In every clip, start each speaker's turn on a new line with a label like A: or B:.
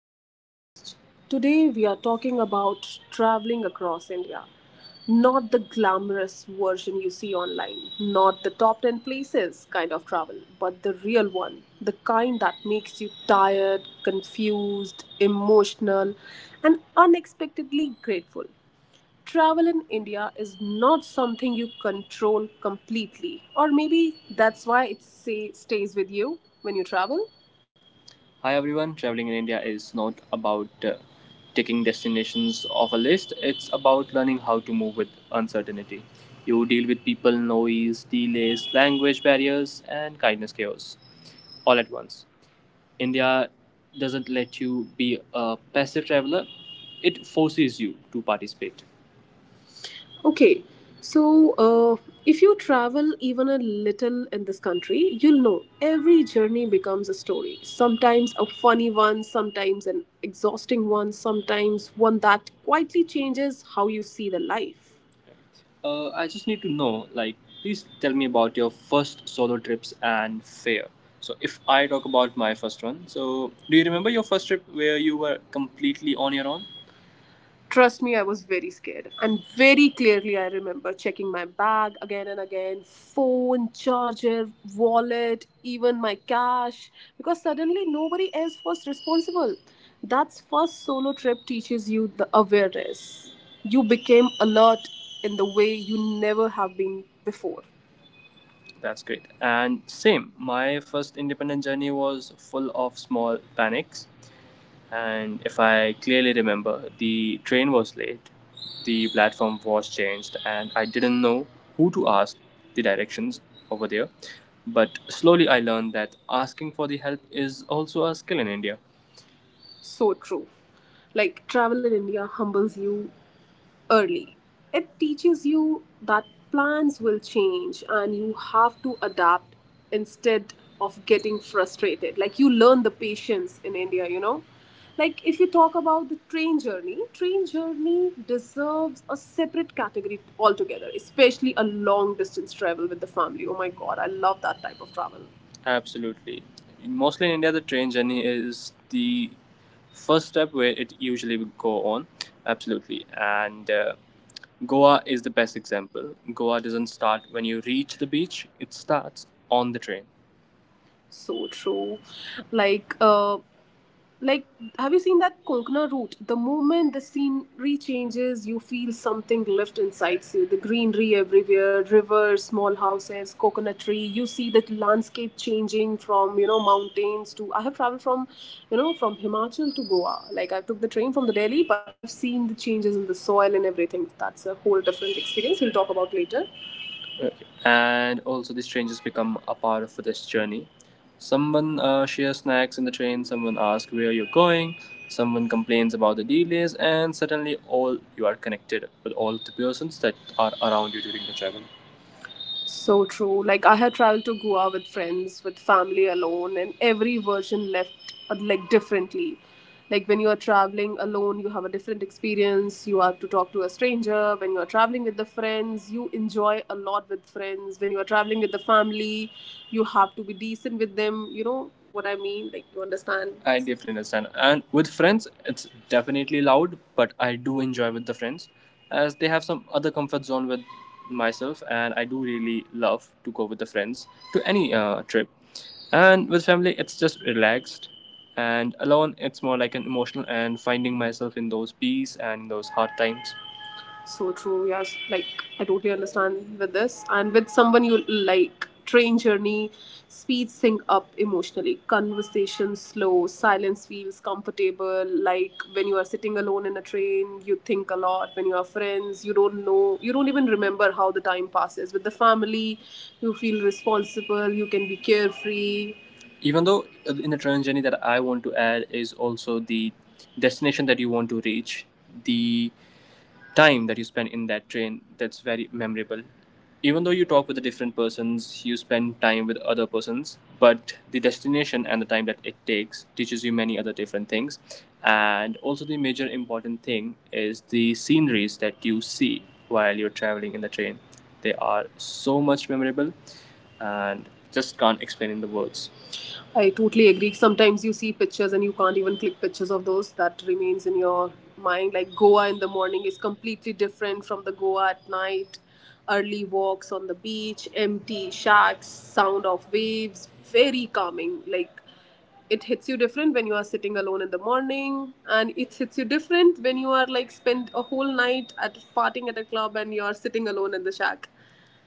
A: our podcast. Today, we are talking about traveling across India. Not the glamorous version you see online, not the top 10 places kind of travel, but the real one. The kind that makes you tired, confused, emotional, and unexpectedly grateful. Travel in India is not something you control completely, or maybe that's why it stays with you when you travel. Hi everyone, traveling in India is not about taking destinations off a list, it's about learning how to move with uncertainty. You deal with people, noise, delays, language barriers, and kindness chaos all at once. India doesn't let you be a passive traveler, it forces you to participate. Okay, so if you travel even a little in this country, you'll know every journey becomes a story. Sometimes a funny one, sometimes an exhausting one, sometimes one that quietly changes how you see the life. I just need to know, like, please tell me about your first solo trips and fare. So, if I talk about my first one, so do you remember your first trip where you were completely on your own? Trust me, I was very scared. And very clearly, I remember checking my bag again and again, phone, charger, wallet, even my cash, because suddenly nobody else was responsible. That's first solo trip teaches you the awareness. You became alert in the way you never have been before. That's great. And same, my first independent journey was full of small panics. And if I clearly remember, the train was late, the platform was changed, and I didn't know who to ask the directions over there. But slowly I learned that asking for the help is also a skill in India. So true. Like, travel in India humbles you early. It teaches you that plans will change and you have to adapt instead of getting frustrated. Like you learn the patience in India. Like if you talk about the train journey deserves a separate category altogether, especially a long distance travel with the family. Oh my god, I love that type of travel. Absolutely. Mostly in India, the train journey is the first step where it usually would go on. Absolutely. And Goa is the best example. Goa doesn't start when you reach the beach, it starts on the train. So true. Like uh like, have you seen that Konkana route? The moment the scenery changes, you feel something lift inside you. The greenery everywhere, rivers, small houses, coconut tree. You see that landscape changing from, mountains to. I have traveled from, from Himachal to Goa. Like, I took the train from the Delhi, but I have seen the changes in the soil and everything. That's a whole different experience. We'll talk about later, and also the strangers become a part of this journey. Someone shares snacks in the train, someone asks where you're going, someone complains about the delays, and suddenly all you are connected with all the persons that are around you during the travel. So true. Like I have traveled to Goa with friends, with family, alone, and every version left like differently. Like when you are traveling alone, you have a different experience. You have to talk to a stranger. When you are traveling with the friends, you enjoy a lot with friends. When you are traveling with the family, you have to be decent with them. You know what I mean? Like you understand? I definitely understand. And with friends, it's definitely loud, but I do enjoy with the friends, as they have some other comfort zone with myself, and I do really love to go with the friends to any trip. And with family it's just relaxed, and alone it's more like an emotional and finding myself in those peace and in those hard times. So true. Yes, like I totally understand with this. And with someone you like, train journey speeds things up emotionally. Conversation slow, silence feels comfortable. Like when you are sitting alone in a train, you think a lot. When you are friends, you don't know, you don't even remember how the time passes. With the family, you feel responsible. You can be carefree. Even though, in the train journey, that I want to add is also the destination that you want to reach, the time that you spend in that train, that's very memorable. Even though you talk with the different persons, you spend time with other persons, but the destination and the time that it takes teaches you many other different things. And also the major important thing is the sceneries that you see while you're traveling in the train, they are so much memorable, and just can't explain in the words. I totally agree. Sometimes you see pictures and you can't even click pictures of those that remains in your mind. Like Goa in the morning is completely different from the Goa at night. Early walks on the beach, empty shacks, sound of waves, very calming. Like it hits you different when you are sitting alone in the morning, and it hits you different when you are like spend a whole night at partying at a club and you are sitting alone in the shack.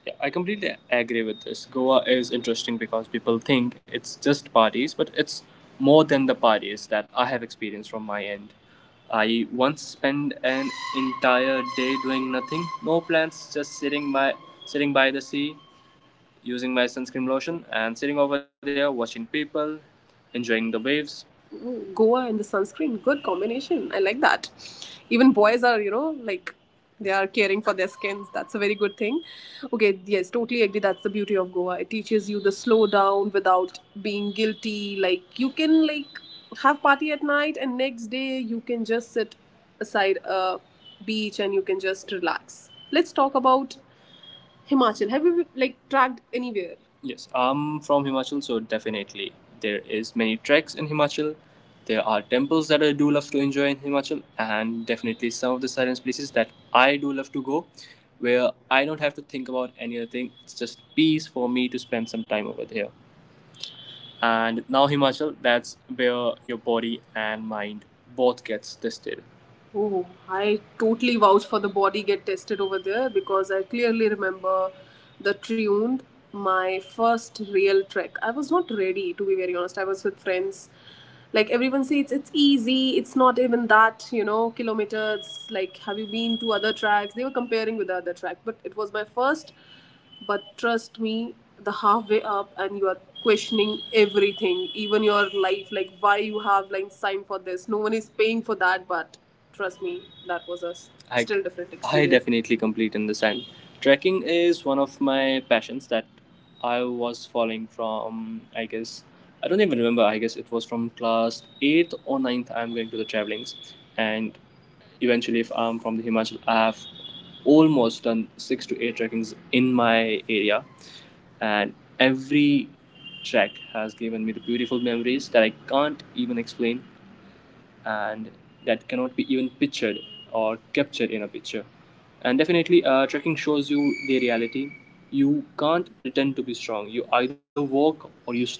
A: Yeah, I completely agree with this. Goa is interesting because people think it's just parties, but it's more than the parties that I have experienced from my end. I once spent an entire day doing nothing, no plans, just sitting by the sea, using my sunscreen lotion and sitting over there watching people, enjoying the waves. Goa and the sunscreen, good combination, I like that. Even boys are, like they are caring for their skins, that's a very good thing. Okay, yes, totally agree. That's the beauty of Goa, it teaches you the slow down without being guilty. Like you can like have party at night and next day you can just sit aside a beach and you can just relax. Let's talk about Himachal. Have you like tracked anywhere? Yes, I'm from Himachal, so definitely there is many treks in Himachal. There are temples that I do love to enjoy in Himachal, and definitely some of the silent places that I do love to go, where I don't have to think about any other thing. It's just peace for me to spend some time over there. And now Himachal, that's where your body and mind both gets tested. Oh, I totally vouch for the body get tested over there because I clearly remember the Triund, my first real trek. I was not ready to be very honest. I was with friends. Like everyone says, it's easy. It's not even that kilometers. Like, have you been to other tracks? They were comparing with the other track, but it was my first. But trust me, the halfway up and you are questioning everything, even your life, like why you have like signed for this. No one is paying for that, but trust me, that was a I, still different I experience. Definitely complete understand. Trekking is one of my passions that I was following from, I guess, I don't even remember, I guess it was from class 8th or ninth. I'm going to the travelings. And eventually, if I'm from the Himachal, I've almost done six to eight trekkings in my area, and every trek has given me the beautiful memories that I can't even explain, and that cannot be even pictured or captured in a picture. And definitely, trekking shows you the reality. You can't pretend to be strong. You either walk or you stop.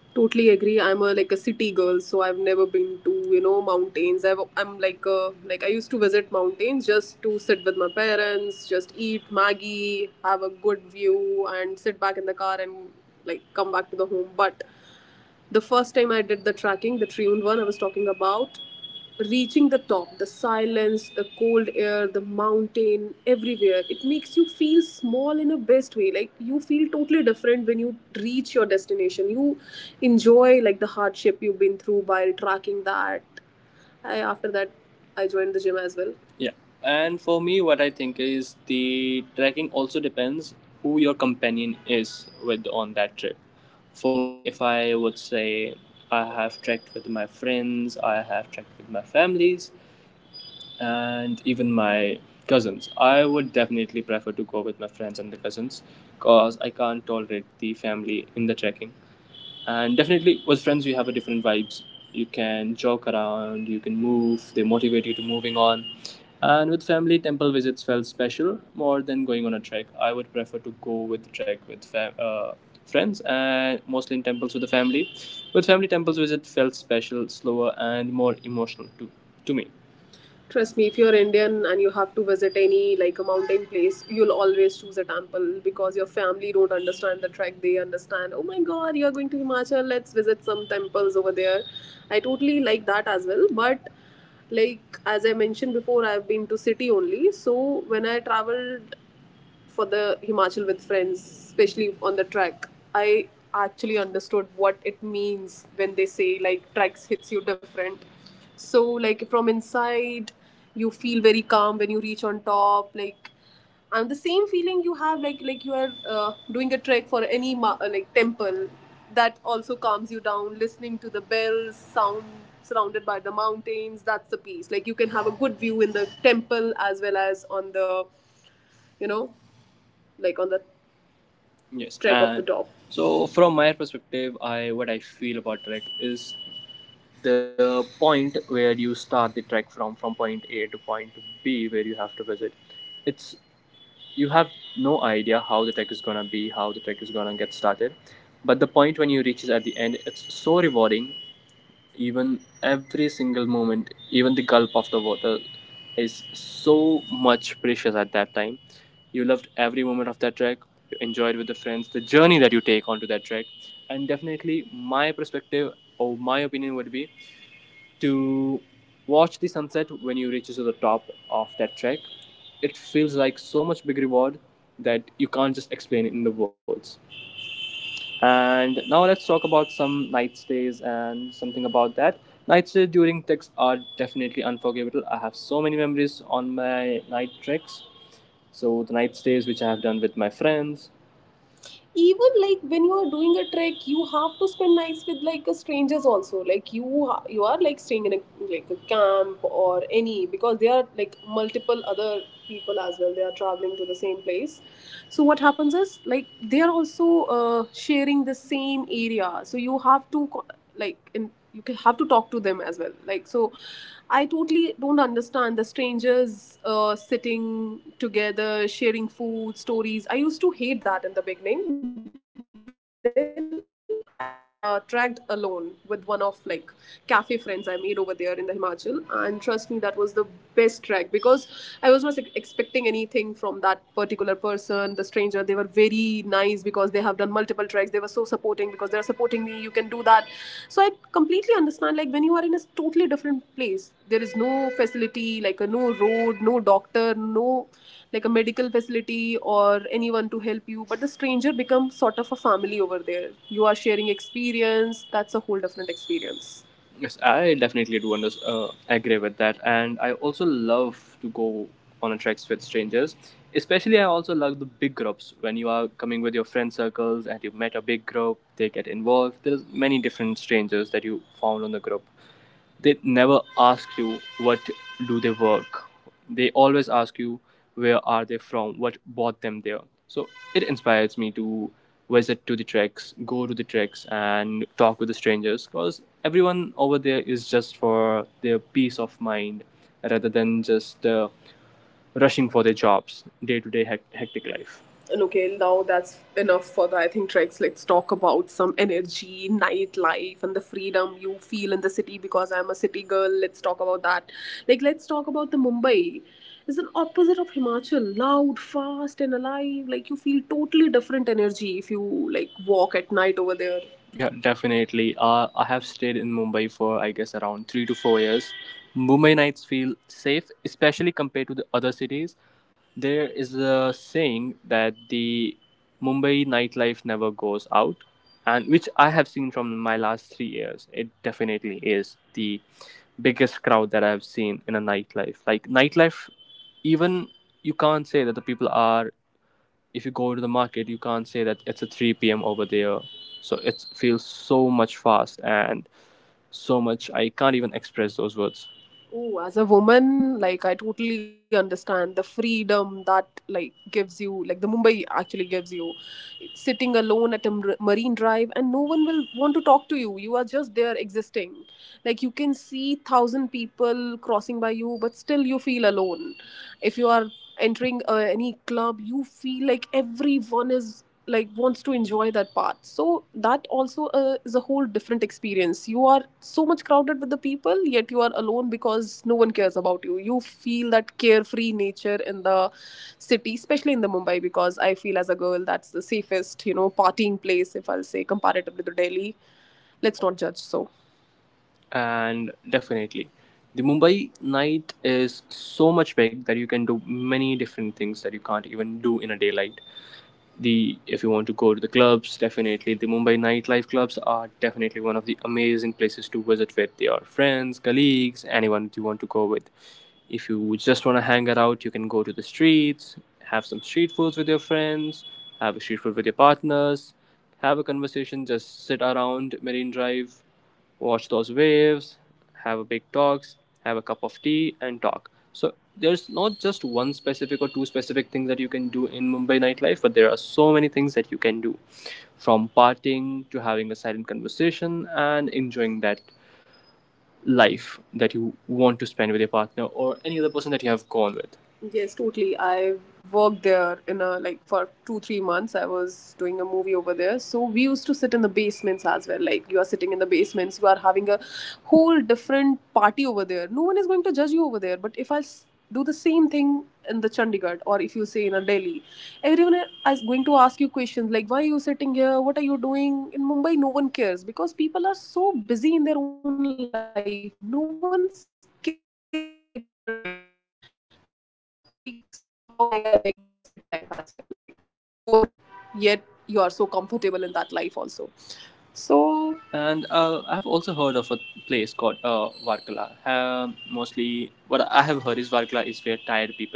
A: Totally agree. I'm a like a city girl, so I've never been to mountains. Like I used to visit mountains just to sit with my parents, just eat Maggie, have a good view, and sit back in the car and like come back to the home. But the first time I did the tracking, the Triund one, I was talking about reaching the top, the silence, the cold air, the mountain, everywhere. It makes you feel small in a best way. Like you feel totally different when you reach your destination. You enjoy like the hardship you've been through while tracking that. I After that I joined the gym as well. Yeah. And for me, what I think is the trekking also depends who your companion is with on that trip. For me, if I would say I have trekked with my friends, I have trekked with my families, and even my cousins, I would definitely prefer to go with my friends and the cousins because I can't tolerate the family in the trekking, and definitely with friends you have a different vibes. You can joke around, you can move, they motivate you to moving on. And with family, temple visits felt special more than going on a trek. I would prefer to go with the trek with friends, and mostly in temples with the family. With family, temples visit felt special, slower and more emotional to me. Trust me, if you're Indian and you have to visit any like a mountain place, you'll always choose a temple because your family don't understand the trek. They understand, oh my god, you're going to Himachal, let's visit some temples over there. I totally like that as well. But like as I mentioned before, I've been to city only. So when I traveled for the Himachal with friends, especially on the track, I actually understood what it means when they say like tracks hits you different. So like from inside, you feel very calm when you reach on top. Like and the same feeling you have like you are doing a trek for any like temple. That also calms you down, listening to the bells sound, surrounded by the mountains. That's the peace. Like you can have a good view in the temple as well as on the you know like on the. Yes. Trek and of the top. So from my perspective, I what I feel about trek is the point where you start the trek from point A to point B where you have to visit. It's you have no idea how the trek is gonna be, how the trek is gonna get started. But the point when you reach is at the end, it's so rewarding. Even every single moment, even the gulp of the water is so much precious at that time. You loved every moment of that trek. You enjoyed with the friends the journey that you take onto that trek. And definitely my perspective or my opinion would be to watch the sunset when you reach to the top of that trek. It feels like so much big reward that you can't just explain it in the words. And now let's talk about some night stays and something about that. Night stays during treks are definitely unforgettable. I have so many memories on my night treks. So the night stays which I have done with my friends, even like when you are doing a trek you have to spend nights with like a strangers also. Like you are like staying in a like a camp or any, because there are like multiple other people as well, they are traveling to the same place. So what happens is, like they are also sharing the same area, so you have to like in, you can have to talk to them as well, like. So I totally don't understand the strangers sitting together, sharing food, stories. I used to hate that in the beginning. Then I tracked alone with one of like cafe friends I made over there in the Himachal, and trust me, that was the best track because I was not like expecting anything from that particular person, the stranger. They were very nice because they have done multiple tracks. They were so supporting because they are supporting me. You can do that. So I completely understand like when you are in a totally different place, there is no facility, like a no road, no doctor, no like a medical facility or anyone to help you, but the stranger becomes sort of a family over there. You are sharing experience. That's a whole different experience. Yes, I definitely do agree with that. And I also love to go on a treks with strangers. Especially, I also love the big groups. When you are coming with your friend circles and you met a big group, they get involved. There's many different strangers that you found on the group. They never ask you what do they work. They always ask you where are they from, what brought them there. So it inspires me to visit to the treks, go to the treks and talk with the strangers, because everyone over there is just for their peace of mind rather than just rushing for their jobs, day to day hectic life. And okay, now that's enough for the I think treks. Let's talk about some energy, nightlife, and the freedom you feel in the city because I'm a city girl. Let's talk about that. Like, let's talk about the Mumbai. It's an opposite of Himachal, loud, fast, and alive. Like you feel totally different energy if you like walk at night over there. Yeah, definitely. I have stayed in Mumbai for, I guess, around 3 to 4 years. Mumbai nights feel safe, especially compared to the other cities. There is a saying that the Mumbai nightlife never goes out, and which I have seen from my last 3 years. It definitely is the biggest crowd that I have seen in a nightlife. Like, nightlife, even you can't say that the people are, if you go to the market, you can't say that it's a 3 p.m. over there. So it feels so much fast, and so much I can't even express those words. Oh, as a woman, like I totally understand the freedom that like gives you, like the Mumbai actually gives you, sitting alone at a marine drive, and no one will want to talk to you. You are just there existing. Like you can see thousand people crossing by you, but still you feel alone. If you are entering any club, you feel like everyone is like wants to enjoy that part. So that also is a whole different experience. You are so much crowded with the people, yet you are alone because no one cares about you. You feel that carefree nature in the city, especially in the Mumbai, because I feel as a girl that's the safest you know partying place if I'll say comparatively to Delhi. Let's not judge. So and definitely the Mumbai night is so much big that you can do many different things that you can't even do in a daylight. The if you want to go to the clubs, definitely the Mumbai nightlife clubs are definitely one of the amazing places to visit with your friends, colleagues, anyone you want to go with. If you just want to hang it out, you can go to the streets, have some street foods with your friends, have a street food with your partners, have a conversation, just sit around marine drive, watch those waves, have a big talk, have a cup of tea, and talk. So there's not just one specific or two specific things that you can do in Mumbai nightlife, but there are so many things that you can do, from partying to having a silent conversation and enjoying that life that you want to spend with your partner or any other person that you have gone with. Yes, totally. I worked there in a like for two, 3 months. I was doing a movie over there. So we used to sit in the basements as well. Like you are sitting in the basements, you are having a whole different party over there. No one is going to judge you over there. But if I do the same thing in the Chandigarh, or if you say in a Delhi, everyone is going to ask you questions like, why are you sitting here? What are you doing? In Mumbai, no one cares because people are so busy in their own life. No one cares like what you are doing. So I like somehow like I like the city life as well, like where no one cares about you, yet you are so comfortable in that life also. So and I've also heard of a place called Varkala. Mostly, what I have heard is Varkala is where tired people go.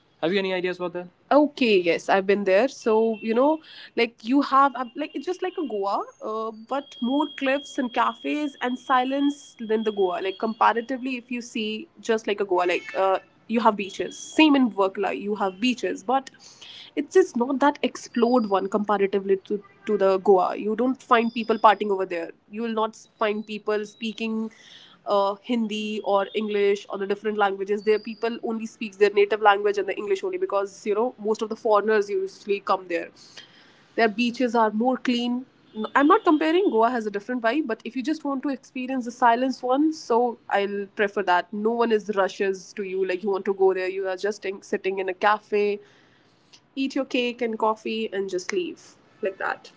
A: Have you any ideas about that? Okay, yes, I've been there. So you know like you have like it's just like a Goa, but more cliffs and cafes and silence than the Goa. Like comparatively, if you see just like a Goa, like you have beaches. Same in Workla, you have beaches, but it's just not that explored one comparatively to the Goa. You don't find people partying over there. You will not find people speaking Hindi or English or the different languages, their people only speaks their native language and the English only because you know most of the foreigners usually come there. Their beaches are more clean. I'm not comparing. Goa has a different vibe, but if you just want to experience the silence one, so I'll prefer that. No one is rushes to you. Like you want to go there, you are just sitting in a cafe, eat your cake and coffee, and just leave like that.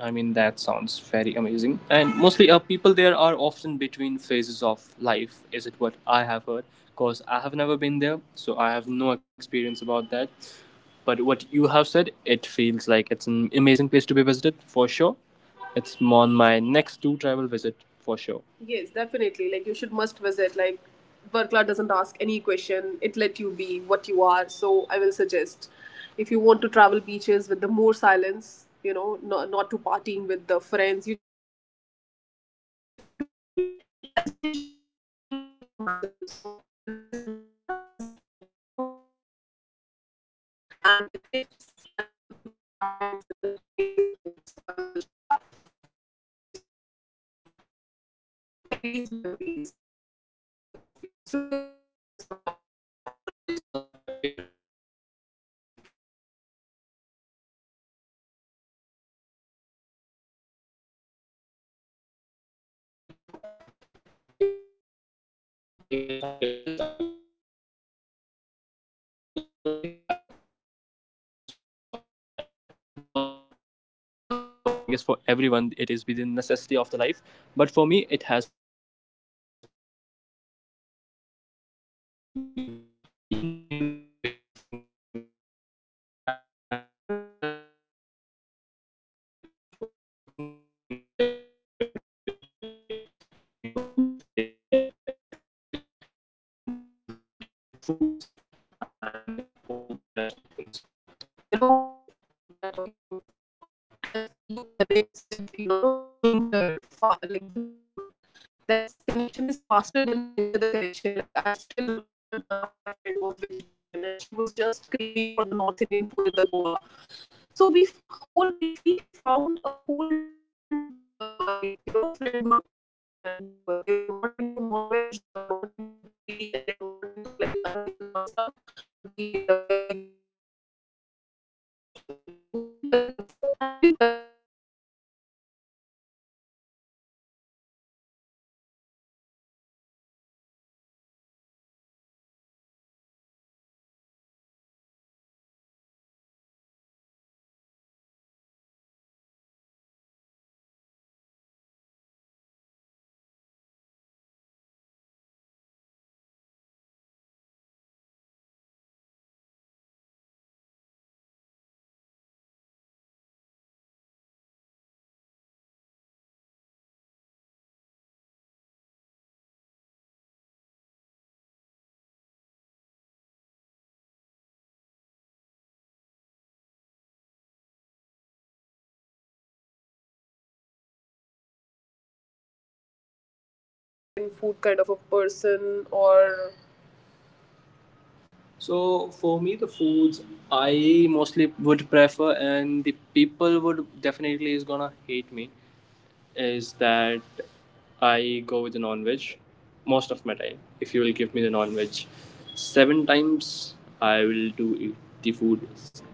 A: I mean, that sounds very amazing. And mostly, people there are often between phases of life, is it what I have heard? Because I have never been there, so I have no experience about that. But what you have said, it feels like it's an amazing place to be visited for sure. It's on my next to travel visit for sure. Yes, definitely. Like you should must visit. Like Verkla doesn't ask any question. It let you be what you are. So I will suggest if you want to travel beaches with the more silence, you know, not to partying with the friends. You just want to view. Like as you mentioned, you like Himachal. So I will suggest Verkla because you'll find the mountains, beaches, and the cliffs and the beautiful cafes with an amazing food. So I will suggest that. Okay, so food carries memories, just like the perfumes. Do you agree to this or not? Definitely. Food is one of my favorite topics, and perfumes is also one of my favorite topics that I want to talk. But definitely, food is more like an, even if I'm sad, I'll go with the food. Even if I'm depressed, I'll go with the food. Anything issues in my life, I'll go with the food. Food is one of my most, for not just for me, but I guess for everyone, it is within necessity of the life. But for me, it has played a very important role, from gaining weight, from being skinny to gaining weight, from gaining weight to being a muscular. So yeah, definitely, food has memories. It also depends with whom you're going to get those memories with. Definitely people go with to the date nights and different places, different cultural, different foods, and all the rest of the things. You know what, we are talking about food. Trust me, you connects with you know stranger like with food, that connection is faster than the any other connection. Like I still remember one of my friend was vegetarian, and she was just craving for the north indian food in the Goa. So whole we found a whole different like you know friend group. They were jan people, they were not into non-veg, they were not into dairy, and they were not into like onions and all stuff. But we made a very good friends over there just on the basis of food. So we connect, the food actually connect
B: Person, South Indian food kind of a person, or? So for me, the foods I mostly would prefer, and the people would definitely is gonna hate me is that I go with the non-veg most of my time. If you will give me the non-veg, seven times I will do the food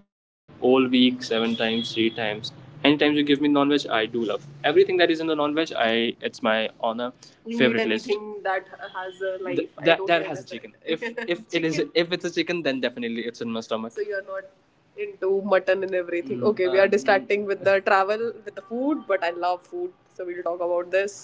B: all week, seven times, three times. Anytime you give me non-veg, I do love everything that is in the non-veg. I It's my honor. You favorite list. Anything that has a like, that has a chicken. If if chicken. It is If it's a chicken, then definitely it's in my stomach. So you're not into mutton and everything. Okay, we are distracting with the travel, with the food, but I love food, so we'll talk about this.